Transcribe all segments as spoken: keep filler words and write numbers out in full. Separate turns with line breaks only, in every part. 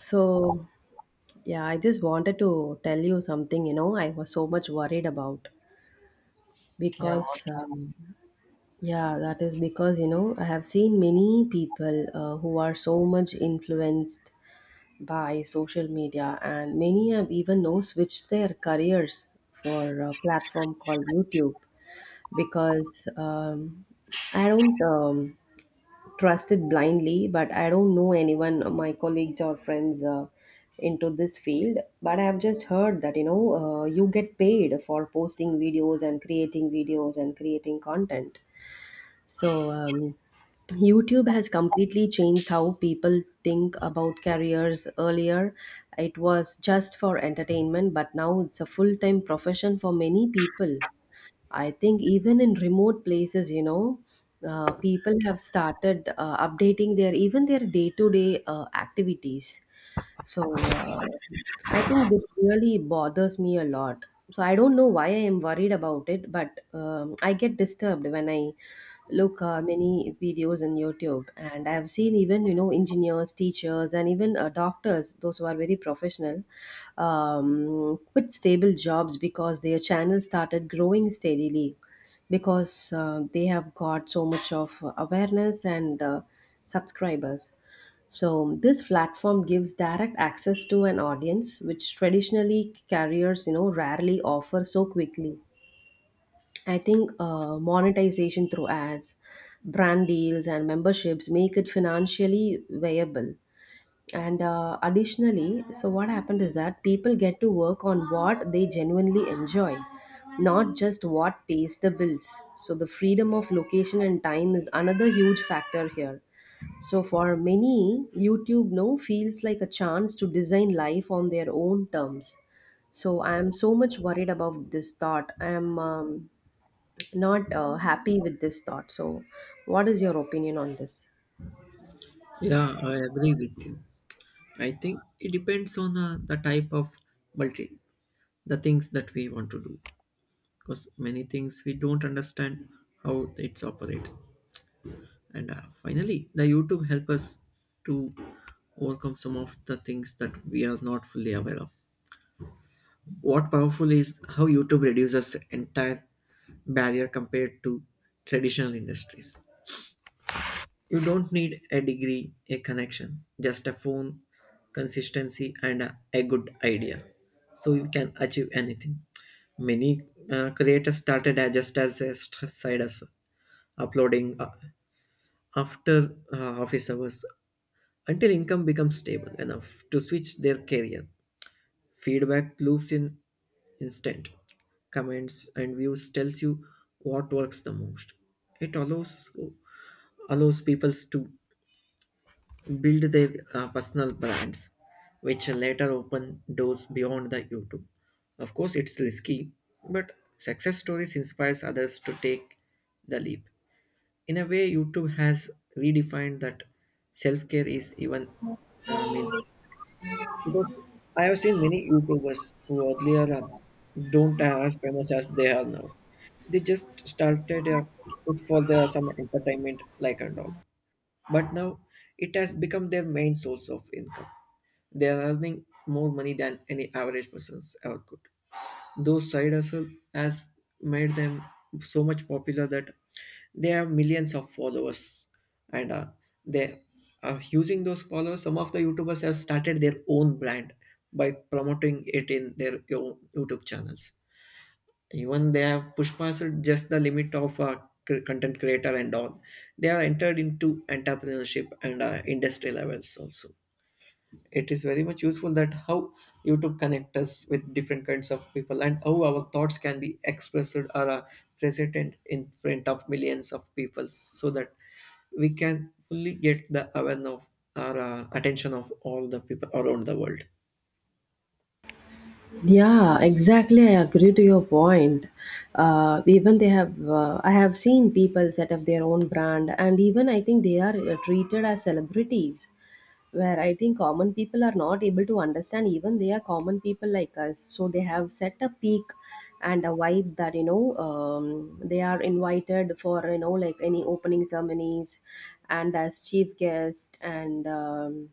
So, yeah, I just wanted to tell you something, you know, I was so much worried about
Yeah.
because, um, yeah, that is because, you know, I have seen many people uh, who are so much influenced by social media, and many have even now switched their careers for a platform called YouTube because um, I don't. Um, trusted blindly, but I don't know anyone, uh, my colleagues or friends, uh, into this field, but I have just heard that, you know, uh, you get paid for posting videos and creating videos and creating content. So um, YouTube has completely changed how people think about careers earlier. It was just for entertainment, but now it's a full time profession for many people. I think even in remote places, you know, uh, people have started uh, updating their even their day to day activities. So uh, I think this really bothers me a lot. So I don't know why I am worried about it, but um, I get disturbed when I look uh, many videos on YouTube, and I have seen even, you know, engineers, teachers, and even uh, doctors, those who are very professional, um, quit stable jobs because their channel started growing steadily because uh, they have got so much of awareness and uh, subscribers. So this platform gives direct access to an audience which traditionally carriers, you know, rarely offer so quickly. I think uh, monetization through ads, brand deals, and memberships make it financially viable, and uh, additionally, so what happened is that people get to work on what they genuinely enjoy, not just what pays the bills. So the freedom of location and time is another huge factor here. So for many, youtube no feels like a chance to design life on their own terms. So I am so much worried about this thought. I am um, not uh, happy with this thought. So what is your opinion on this?
Yeah, I agree with you. I think it depends on uh, the type of multi, the things that we want to do. Because many things we don't understand how it operates. And uh, finally, the YouTube help us to overcome some of the things that we are not fully aware of. What powerful is how YouTube reduces entire barrier compared to traditional industries. You don't need a degree, a connection, just a phone, consistency, and a, a good idea. So you can achieve anything. Many uh, creators started as just as a st- side hustle, uploading uh, after uh, office hours until income becomes stable enough to switch their career. Feedback loops in instant. Comments and views tells you what works the most. It allows allows people to build their uh, personal brands, which later open doors beyond the YouTube. Of course, it's risky, but success stories inspires others to take the leap. In a way, YouTube has redefined that self-care is even uh, means, because I have seen many YouTubers who earlier uh, don't are as famous as they are now. They just started uh, it for their some entertainment like and all, but now it has become their main source of income. They are earning more money than any average persons ever could. Those side hustle has made them so much popular that they have millions of followers, and uh, they are using those followers. Some of the YouTubers have started their own brand by promoting it in their own YouTube channels. Even they have pushed past just the limit of uh, cr- content creator and all. They are entered into entrepreneurship and uh, industry levels also. It is very much useful that how YouTube connect us with different kinds of people and how our thoughts can be expressed or uh, presented in front of millions of people so that we can fully get the awareness of our uh, attention of all the people around the world.
Yeah, exactly. I agree to your point. Uh, even they have, uh, I have seen people set up their own brand, and even I think they are uh, treated as celebrities, where I think common people are not able to understand. Even they are common people like us, so they have set a peak and a vibe that, you know, um, they are invited for, you know, like any opening ceremonies, and as chief guest and. Um,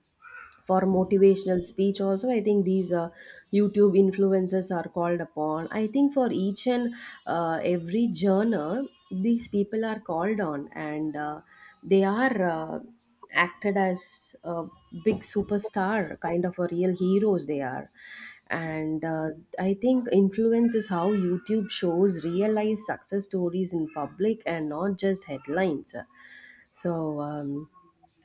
For motivational speech also, I think these uh, youtube influencers are called upon, I think, for each and uh, every genre these people are called on, and uh, they are uh, acted as a big superstar kind of a real heroes they are. And uh, I think influence is how youtube shows real life success stories in public and not just headlines. So, um,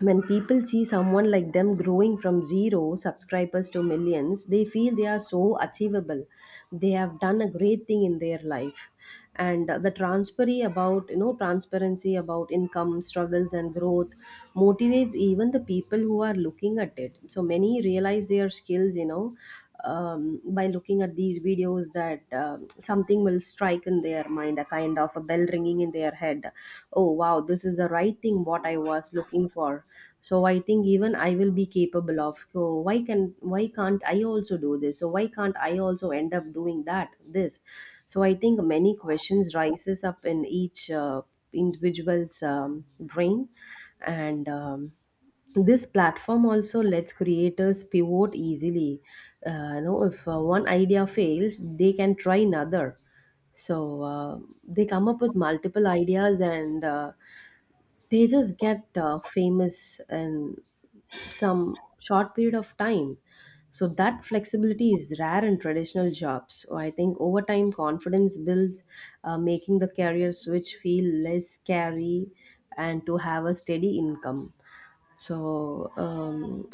when people see someone like them growing from zero subscribers to millions, they feel they are so achievable. They have done a great thing in their life. And uh, the transparency about, you know, transparency about income, struggles, and growth motivates even the people who are looking at it. So many realize their skills, you know, um, by looking at these videos that um something will strike in their mind, a kind of a bell ringing in their head. Oh wow, this is the right thing what I was looking for. So I think even I will be capable of, so why can, why can't I also do this, so why can't I also end up doing that this. So I think many questions rises up in each uh, individual's um, brain. And um, this platform also lets creators pivot easily. Uh, you know, if uh, one idea fails, they can try another. So uh, they come up with multiple ideas and uh, they just get uh, famous in some short period of time. So that flexibility is rare in traditional jobs. So I think over time confidence builds, uh, making the career switch feel less scary and to have a steady income. So um,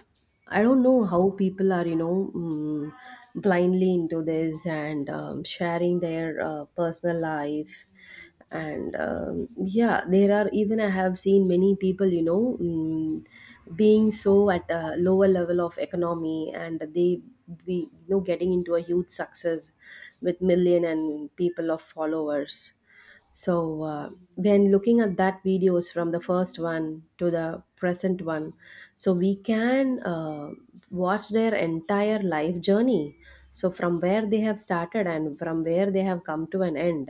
I don't know how people are, you know, um, blindly into this and um, sharing their uh, personal life. And um, yeah, there are, even I have seen many people, you know, um, being so at a lower level of economy, and they be, you know, getting into a huge success with million and people of followers. So uh, when looking at that videos from the first one to the present one, so we can uh, watch their entire life journey. So from where they have started and from where they have come to an end.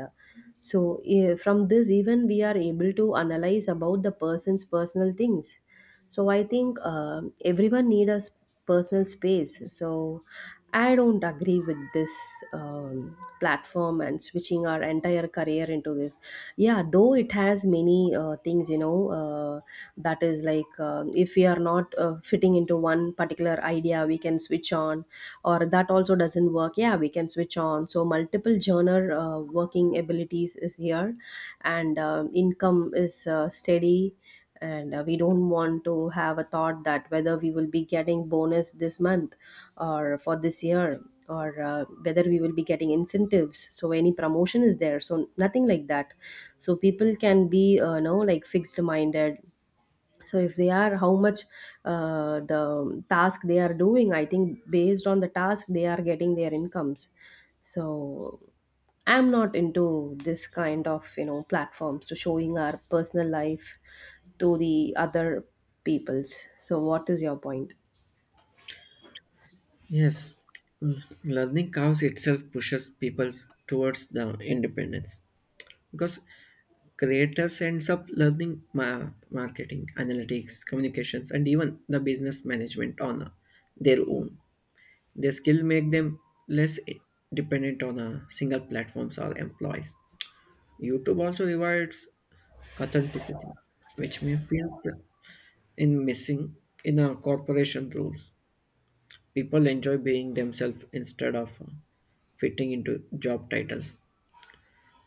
So eh, from this, even we are able to analyze about the person's personal things. So I think uh, everyone need a s- personal space. So I don't agree with this um, platform and switching our entire career into this. Yeah, though it has many uh, things, you know, uh, that is like, uh, if we are not uh, fitting into one particular idea, we can switch on, or that also doesn't work. Yeah, we can switch on. So, multiple genre uh, working abilities is here, and um, income is uh, steady, and uh, we don't want to have a thought that whether we will be getting bonus this month or for this year or uh, whether we will be getting incentives, so any promotion is there, so nothing like that. So people can be uh, you know, like fixed minded. So if they are how much uh, the task they are doing, I think based on the task they are getting their incomes. So I'm not into this kind of, you know, platforms to showing our personal life to the other people's. So what is your point?
Yes, l- learning curves itself pushes people towards the independence, because creators ends up learning ma- marketing, analytics, communications, and even the business management on uh, their own. Their skill make them less i- dependent on uh, single platforms or employees. YouTube also rewards authenticity, which may feel in missing in our corporation rules. People enjoy being themselves instead of uh, fitting into job titles.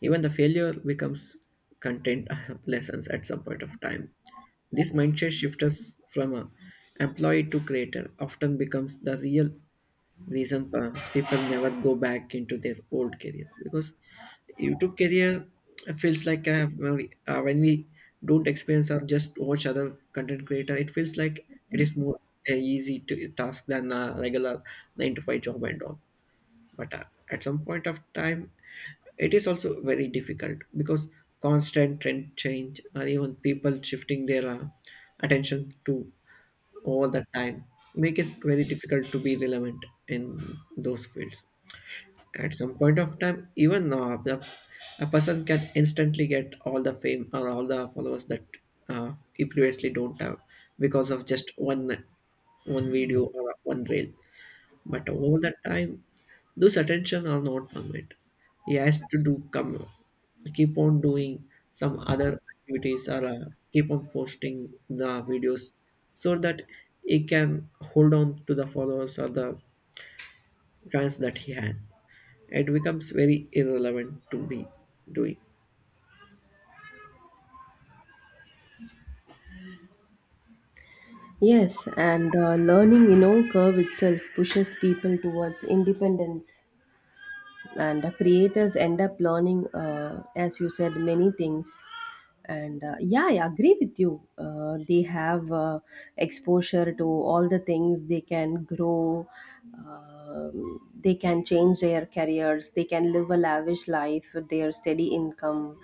Even the failure becomes content lessons at some point of time. This mindset shift us from a employee to creator often becomes the real reason uh, people never go back into their old career, because YouTube career feels like, uh, well, uh, when we don't experience or just watch other content creator, it feels like it is more uh, easy to task than a regular nine to five job and all, but uh, at some point of time it is also very difficult, because constant trend change and even people shifting their uh, attention to all the time make it very difficult to be relevant in those fields. At some point of time even uh, the, a person can instantly get all the fame or all the followers that uh, he previously don't have because of just one one video or one reel, but all the time, those attention are not permanent. He has to do come keep on doing some other activities or uh, keep on posting the videos so that he can hold on to the followers or the fans that he has. It becomes very irrelevant to be doing.
Yes, and uh, learning, you know, curve itself pushes people towards independence, and the creators end up learning, uh, as you said, many things. And uh, yeah, I agree with you. Uh, they have uh, exposure to all the things, they can grow. Um, they can change their careers, they can live a lavish life with their steady income.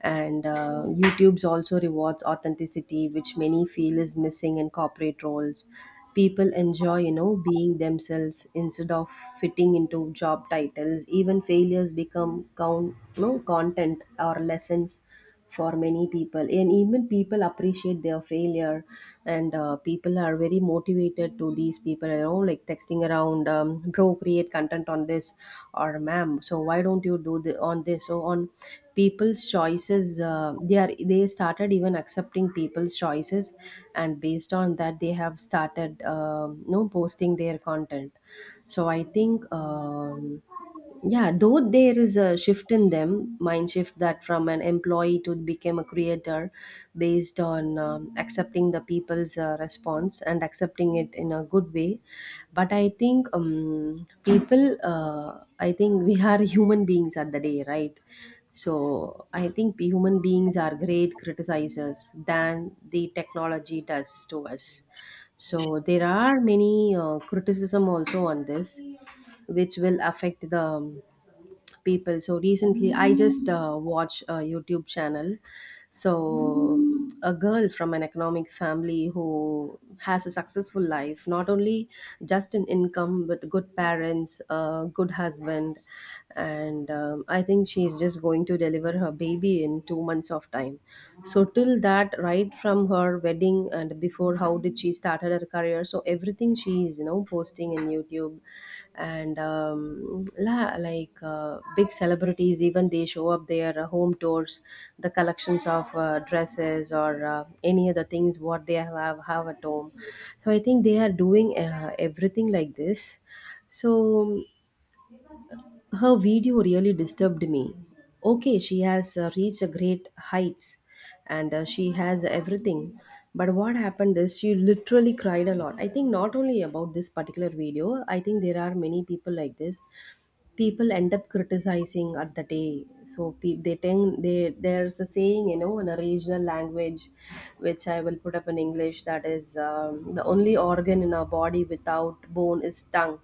And uh, youtube's also rewards authenticity, which many feel is missing in corporate roles. People enjoy, you know, being themselves instead of fitting into job titles. Even failures become count, you know, content or lessons for many people, and even people appreciate their failure. And uh, people are very motivated to these people, you know, like texting around, um, bro, create content on this, or ma'am, so why don't you do the, on this so on people's choices. Uh, they are, they started even accepting people's choices, and based on that they have started, um, you know, posting their content. So I think, um, yeah, though there is a shift in them, mind shift that from an employee to become a creator based on, um, accepting the people's uh, response and accepting it in a good way. But I think, um, people, uh, I think we are human beings at the day, right? So I think we human beings are great criticizers than the technology does to us. So there are many uh, criticism also on this, which will affect the um, ask people. So recently, I just uh, watch a YouTube channel. So a girl from an economic family who has a successful life, not only just in income, but good parents, a good husband, and um, I think she's just going to deliver her baby in two months of time. So till that, right from her wedding, and before how how did she started her career, so everything she is, you know, posting in youtube. And um, la, like uh, big celebrities, even they show up their uh, home tours, the collections of uh, dresses or uh, any other things what they have have at home. So I think they are doing uh, everything like this. So her video really disturbed me. Okay, she has uh, reached a great heights, and uh, she has everything. But what happened is she literally cried a lot. I think not only about this particular video, I think there are many people like this. People end up criticizing at the day. So pe- they tend they there's a saying, you know, in a regional language which I will put up in English, that is, um, the only organ in our body without bone is tongue.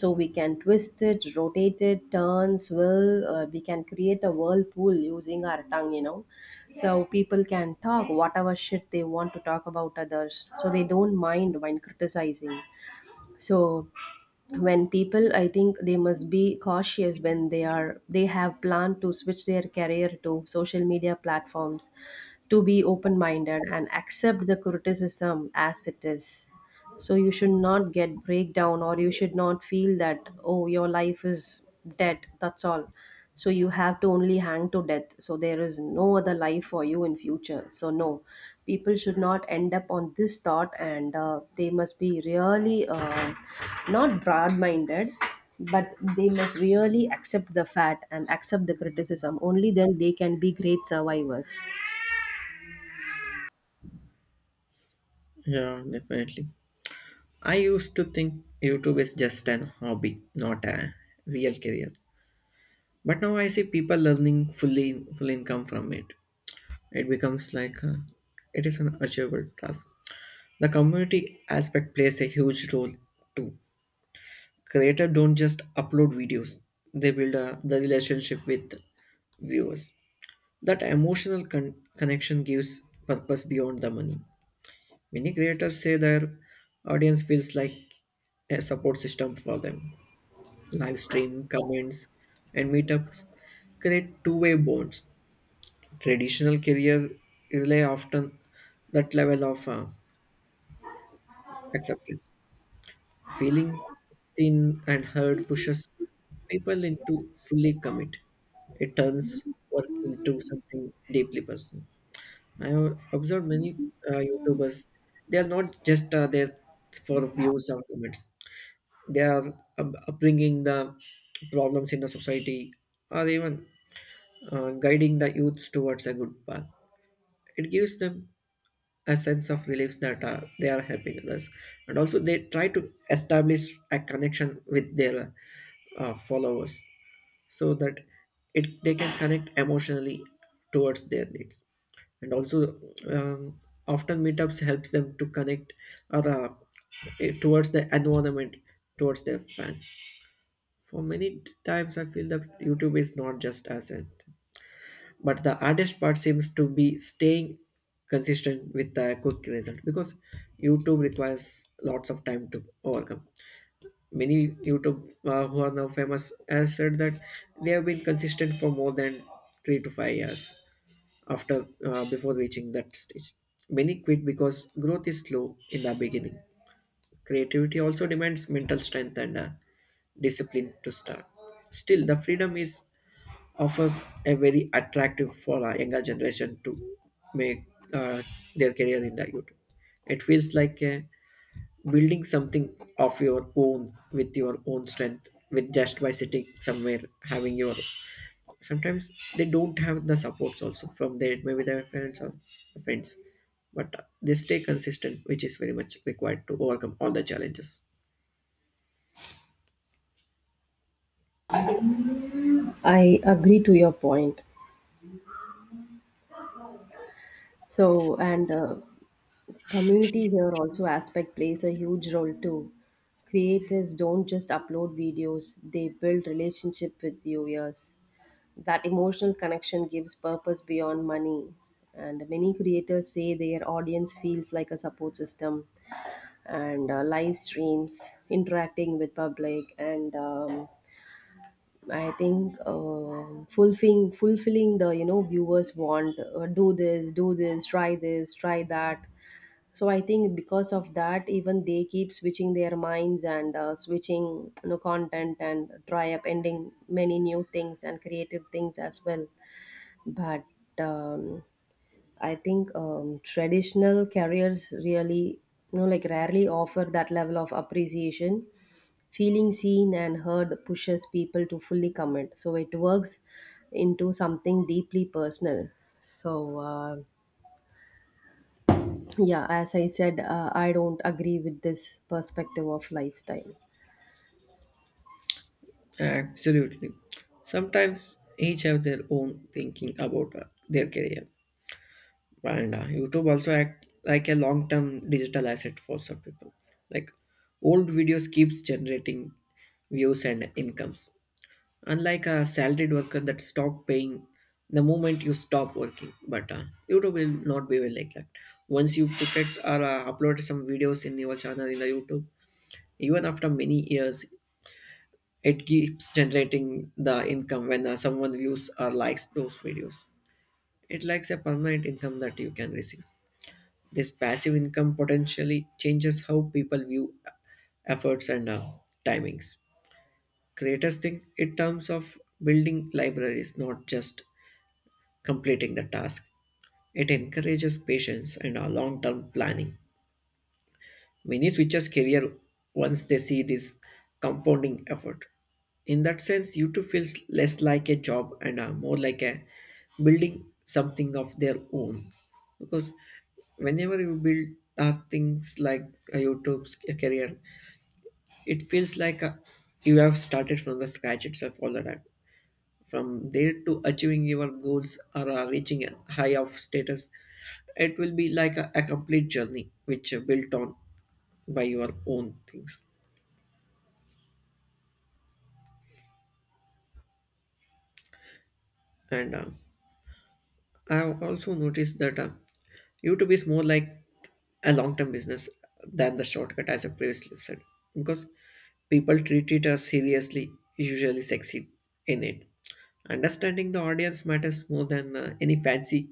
So we can twist it, rotate it, turn, swivel, uh, we can create a whirlpool using our tongue, you know. So people can talk whatever shit they want to talk about others, so they don't mind when criticizing. So when people, I think they must be cautious when they are they have planned to switch their career to social media platforms, to be open minded and accept the criticism as it is. So you should not get breakdown, or you should not feel that, oh, your life is dead, that's all. So you have to only hang to death, so there is no other life for you in future, so no. People should not end up on this thought, and uh, they must be really, uh, not broad minded, but they must really accept the fact and accept the criticism. Only then they can be great survivors.
Yeah, definitely. I used to think YouTube is just an hobby, not a real career. But now I see people learning fully full income from it. It becomes like a, it is an achievable task. The community aspect plays a huge role too. Creators don't just upload videos; they build a, the relationship with viewers. That emotional con- connection gives purpose beyond the money. Many creators say their audience feels like a support system for them. Live stream, comments, and meetups create two-way bonds. Traditional career rely often that level of uh, acceptance. Feeling seen and heard pushes people into fully commit. It turns work into something deeply personal. I have observed many uh, YouTubers. They are not just uh, there for views or comments. They are uh, bringing the problems in the society or even uh, guiding the youths towards a good path. It gives them a sense of relief that uh, they are helping others, and also they try to establish a connection with their uh, followers so that it they can connect emotionally towards their needs. And also, um, often meetups helps them to connect other, eh, towards the environment, towards their fans. For many times I feel that YouTube is not just as it, but the hardest part seems to be staying consistent with a quick result, because YouTube requires lots of time to overcome. Many YouTube uh, who are now famous has said that they have been consistent for more than three to five years after uh, before reaching that stage. Many quit because growth is slow in the beginning. Creativity also demands mental strength and uh, discipline to start. Still the freedom is offers a very attractive for a younger generation to make uh, their career in the YouTube. It feels like uh, building something of your own with your own strength, with just by sitting somewhere having your. Sometimes they don't have the supports also from their, maybe their parents or friends, but uh, they stay consistent, which is very much required to overcome all the challenges.
I agree to your point. So and uh, community here also aspect plays a huge role too. Creators don't just upload videos, they build relationship with viewers. That emotional connection gives purpose beyond money. And many creators say their audience feels like a support system. And uh, live streams, interacting with public, and um, I think, um fulfilling fulfilling the, you know, viewers want, uh, do this, do this, try this, try that. So I think because of that, even they keep switching their minds, and uh, switching, you know, content and try up ending many new things and creative things as well. But um, I think, um, traditional careers really, you know, like rarely offer that level of appreciation. Feeling seen and heard pushes people to fully commit, so it works into something deeply personal. So uh, yeah, as I said, uh, I don't agree with this perspective of lifestyle.
Absolutely. Sometimes each have their own thinking about uh, their career. and uh, YouTube also act like a long-term digital asset for some people, like old videos keeps generating views and incomes, unlike a salaried worker that stop paying the moment you stop working. But uh, YouTube will not be well like that. Once you put it, or uh, upload some videos in your channel in the YouTube, even after many years it keeps generating the income when uh, someone views or likes those videos. It likes a permanent income that you can receive. This passive income potentially changes how people view efforts and uh, timings. Creators think in terms of building libraries, not just completing the task. It encourages patience and uh, long term planning. Many switches career once they see this compounding effort. In that sense, YouTube feels less like a job and uh, more like a building something of their own. Because whenever you build uh, things like a YouTube's career, it feels like uh, you have started from the scratch itself all the time. From there to achieving your goals or uh, reaching a high of status, it will be like a, a complete journey which uh, built on by your own things. And uh, I've also noticed that uh, YouTube is more like a long term business than the shortcut, as I previously said, because people treat it as seriously, usually succeed in it. Understanding the audience matters more than uh, any fancy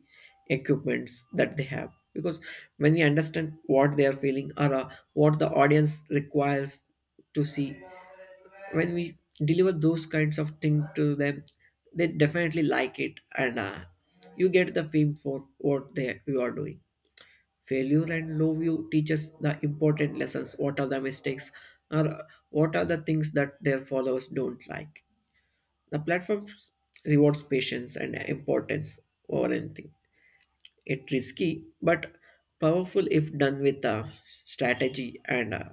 equipments that they have. Because when we understand what they are feeling, or uh, what the audience requires to see, when we deliver those kinds of things to them, they definitely like it, and uh, you get the fame for what they you are doing. Failure and low view teaches the important lessons, what are the mistakes, or uh, what are the things that their followers don't like. The platforms rewards patience and uh, importance over anything. It's risky, but powerful if done with a strategy and uh,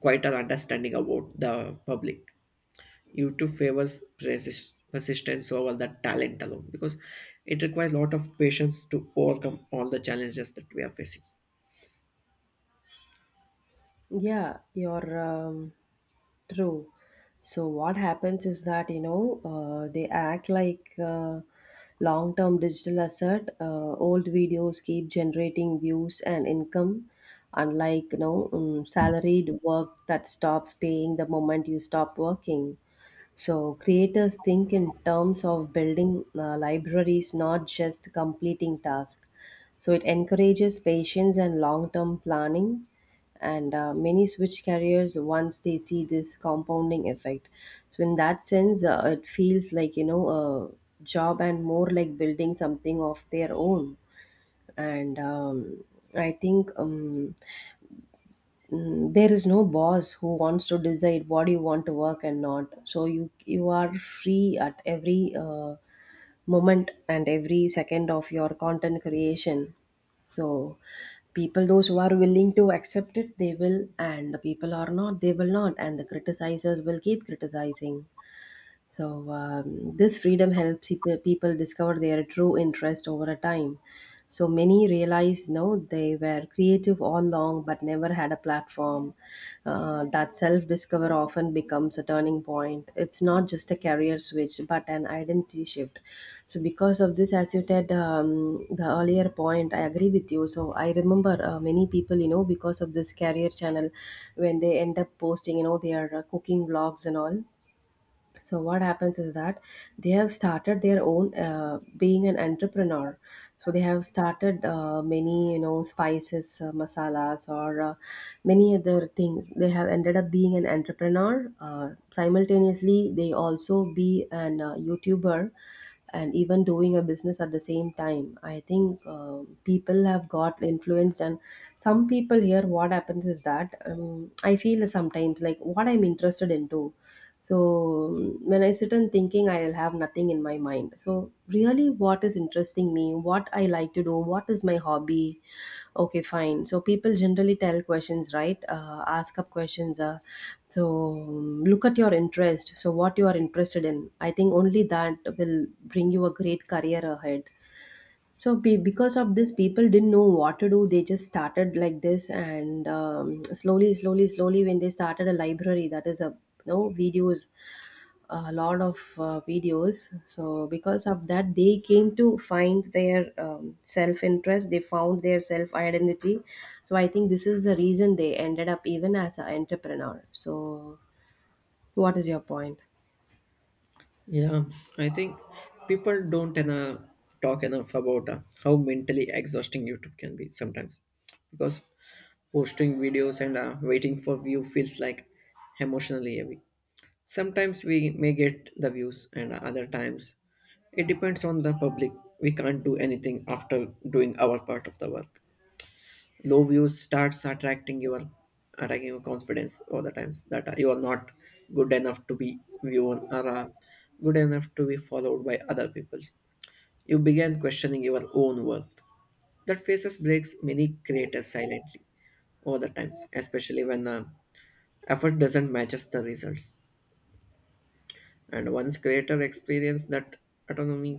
quite an understanding about the public. YouTube favors persist- persistence over the talent alone, because it requires a lot of patience to overcome all the challenges that we are facing.
Yeah, you're um, true. So what happens is that, you know, uh, they act like, uh, long-term digital asset. Uh, old videos keep generating views and income, unlike, you know, um, salaried work that stops paying the moment you stop working. So creators think in terms of building, uh, libraries, not just completing tasks. So it encourages patience and long-term planning. And uh, many switch careers once they see this compounding effect. So in that sense, uh, it feels like, you know, a job and more like building something of their own. And um, I think. Um, Mm, there is no boss who wants to decide what you want to work and not. So you you are free at every, uh, moment and every second of your content creation. So people, those who are willing to accept it, they will, and the people are not, they will not, and the criticizers will keep criticizing. So um, this freedom helps people, people discover their true interest over a time. So many realize, no, they were creative all along but never had a platform. Uh, that self discover often becomes a turning point. It's not just a career switch but an identity shift. So because of this, as you said, um, the earlier point, I agree with you. So I remember, uh, many people, you know, because of this career channel, when they end up posting, you know, their, uh, cooking vlogs and all. So what happens is that they have started their own, uh, being an entrepreneur. So they have started, uh, many, you know, spices, uh, masalas, or, uh, many other things. They have ended up being an entrepreneur. Uh, simultaneously, they also be an, uh, YouTuber and even doing a business at the same time. I think, uh, people have got influenced, and some people here, what happens is that, um, I feel sometimes like what I'm interested into. So, mm, when I sit and thinking, I'll have nothing in my mind. So really, what is interesting me? What I like to do? What is my hobby? Okay, fine. So people generally tell questions, right? Uh, ask up questions. Uh, so mm, look at your interest. So what you are interested in? I think only that will bring you a great career ahead. So be, because of this, people didn't know what to do. They just started like this, and um, slowly, slowly, slowly, when they started a library, that is, a you know, videos, a lot of, uh, videos. So because of that, they came to find their, um, self interest, they found their self identity. So I think this is the reason they ended up even as an entrepreneur. So what is your point?
Yeah, I think people don't enough talk enough about uh, how mentally exhausting YouTube can be sometimes, because posting videos and uh, waiting for view feels like emotionally heavy. Sometimes we may get the views, and uh, other times it depends on the public. We can't do anything after doing our part of the work. Low views starts attracting your attacking your confidence all the times that you are not good enough to be viewed, or uh, good enough to be followed by other peoples. You begin questioning your own worth. That faces breaks many creators silently all the times, especially when uh, effort doesn't matches the results. And once creator experience that autonomy,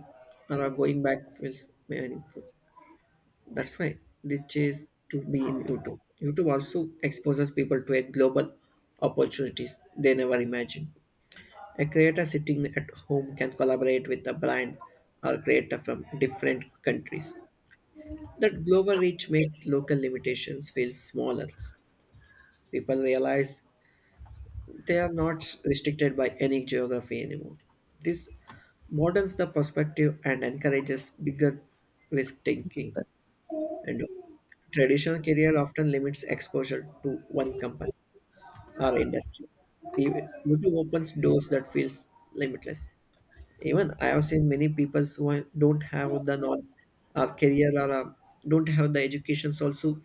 or uh, going back feels meaningful. That's why they chase to be in YouTube. YouTube also exposes people to a global opportunities they never imagined. A creator sitting at home can collaborate with a brand or creator from different countries. That global reach makes local limitations feel smaller. People realize they are not restricted by any geography anymore. This broadens the perspective and encourages bigger risk taking. And traditional career often limits exposure to one company or industry. P- YouTube opens doors that feels limitless. Even I have seen many people who are- don't have the non or career, or uh, don't have the educations also,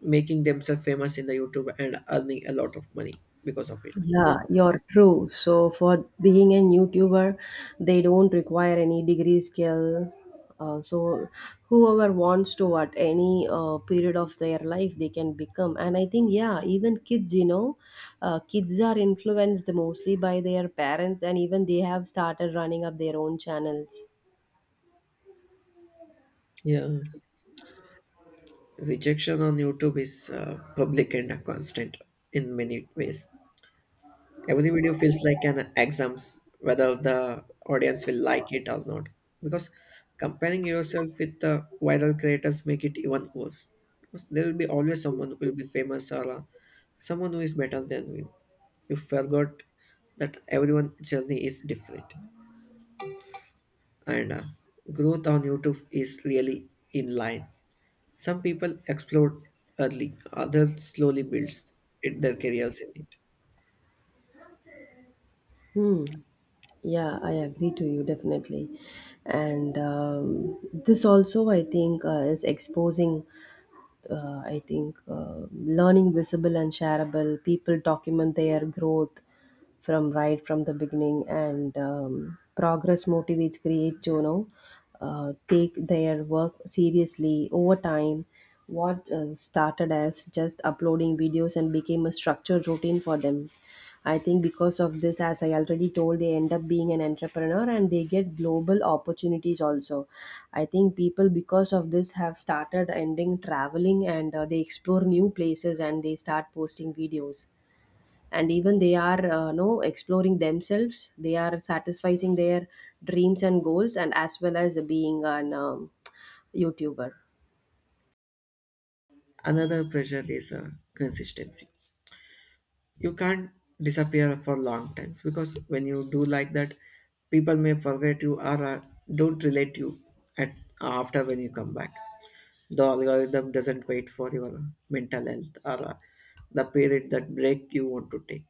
making themselves famous in the YouTube and earning a lot of money because of it.
Yeah,
Because
you're true. So for being a YouTuber, they don't require any degree skill. Uh, so whoever wants to at any, uh, period of their life, they can become. And I think, yeah, even kids, you know, uh, kids are influenced mostly by their parents, and even they have started running up their own channels.
yeah, rejection on YouTube is uh, public and constant in many ways. Every video feels like an exams, whether the audience will like it or not. Because comparing yourself with the viral creators make it even worse. Because there will be always someone who will be famous, or uh, someone who is better than you. You forgot that everyone's journey is different, and uh, growth on YouTube is really in line. Some people explode early, others slowly builds it- their careers in it.
Hmm. Yeah, I agree to you definitely. And um, this also, I think, uh, is exposing, uh, I think, uh, learning visible and shareable. People document their growth from right from the beginning, and um, progress motivates create to, you know, uh, take their work seriously over time. What, uh, started as just uploading videos and became a structured routine for them. I think because of this, as I already told, they end up being an entrepreneur and they get global opportunities also. I think people, because of this, have started ending traveling, and uh, they explore new places and they start posting videos. And even they are, uh, no, exploring themselves. They are satisfying their dreams and goals, and as well as being an, um, YouTuber.
Another pressure is uh, consistency. You can't disappear for long times, because when you do like that people may forget you, or uh, don't relate you at, uh, after when you come back. The algorithm doesn't wait for your mental health, or uh, the period that break you want to take.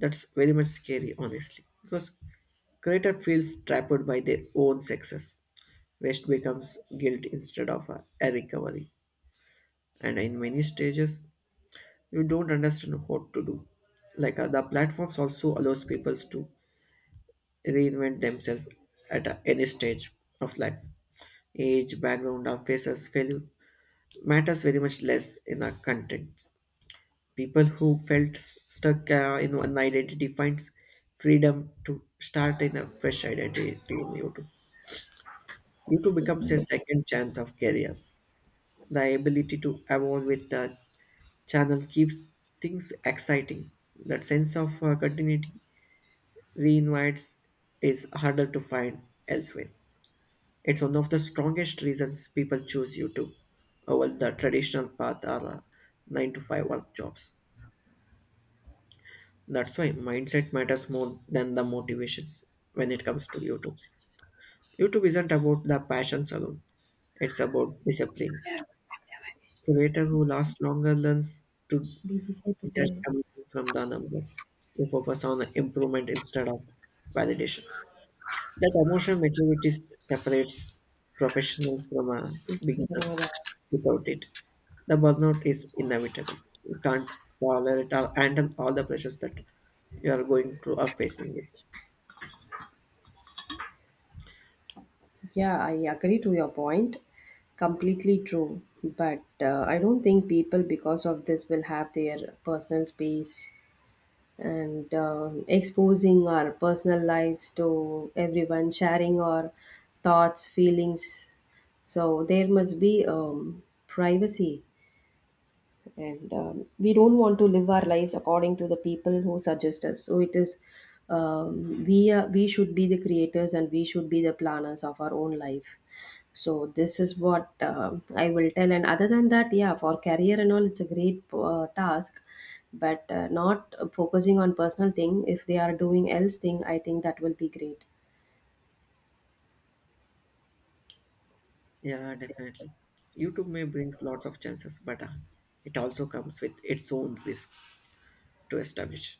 That's very much scary honestly, because creator feels trapped by their own success. Rest becomes guilt instead of a, a recovery. And in many stages you don't understand what to do, like uh, the platforms also allows people to reinvent themselves at uh, any stage of life, age, background, or faces failure matters very much less in the contents. People who felt s- stuck uh, in one identity finds freedom to start in a fresh identity in YouTube. YouTube becomes a second chance of careers. The ability to evolve with the channel keeps things exciting. That sense of uh, continuity reinvites is harder to find elsewhere. It's one of the strongest reasons people choose YouTube over the traditional path, or uh, nine to five work jobs. That's why mindset matters more than the motivations when it comes to YouTube's. YouTube isn't about the passions alone, it's about discipline. Creator who lasts longer learns to just commission from the numbers. They focus on improvement instead of validations. That emotional maturity s- separates professionals from uh, beginners. Without it, the burnout is inevitable. You can't tolerate or handle all the pressures that you are going through or facing it.
Yeah, I agree to your point. Completely true. But uh, I don't think people, because of this, will have their personal space, and um, exposing our personal lives to everyone, sharing our thoughts, feelings. So there must be, um, privacy, and um, we don't want to live our lives according to the people who suggest us. So it is, um, we are, we should be the creators, and we should be the planners of our own life. So this is what, um I will tell. And other than that, yeah, for career and all, it's a great, uh, task. But uh, not focusing on personal thing, if they are doing else thing, I think that will be great.
Yeah, definitely. YouTube may brings lots of chances, but uh, it also comes with its own risk to establish.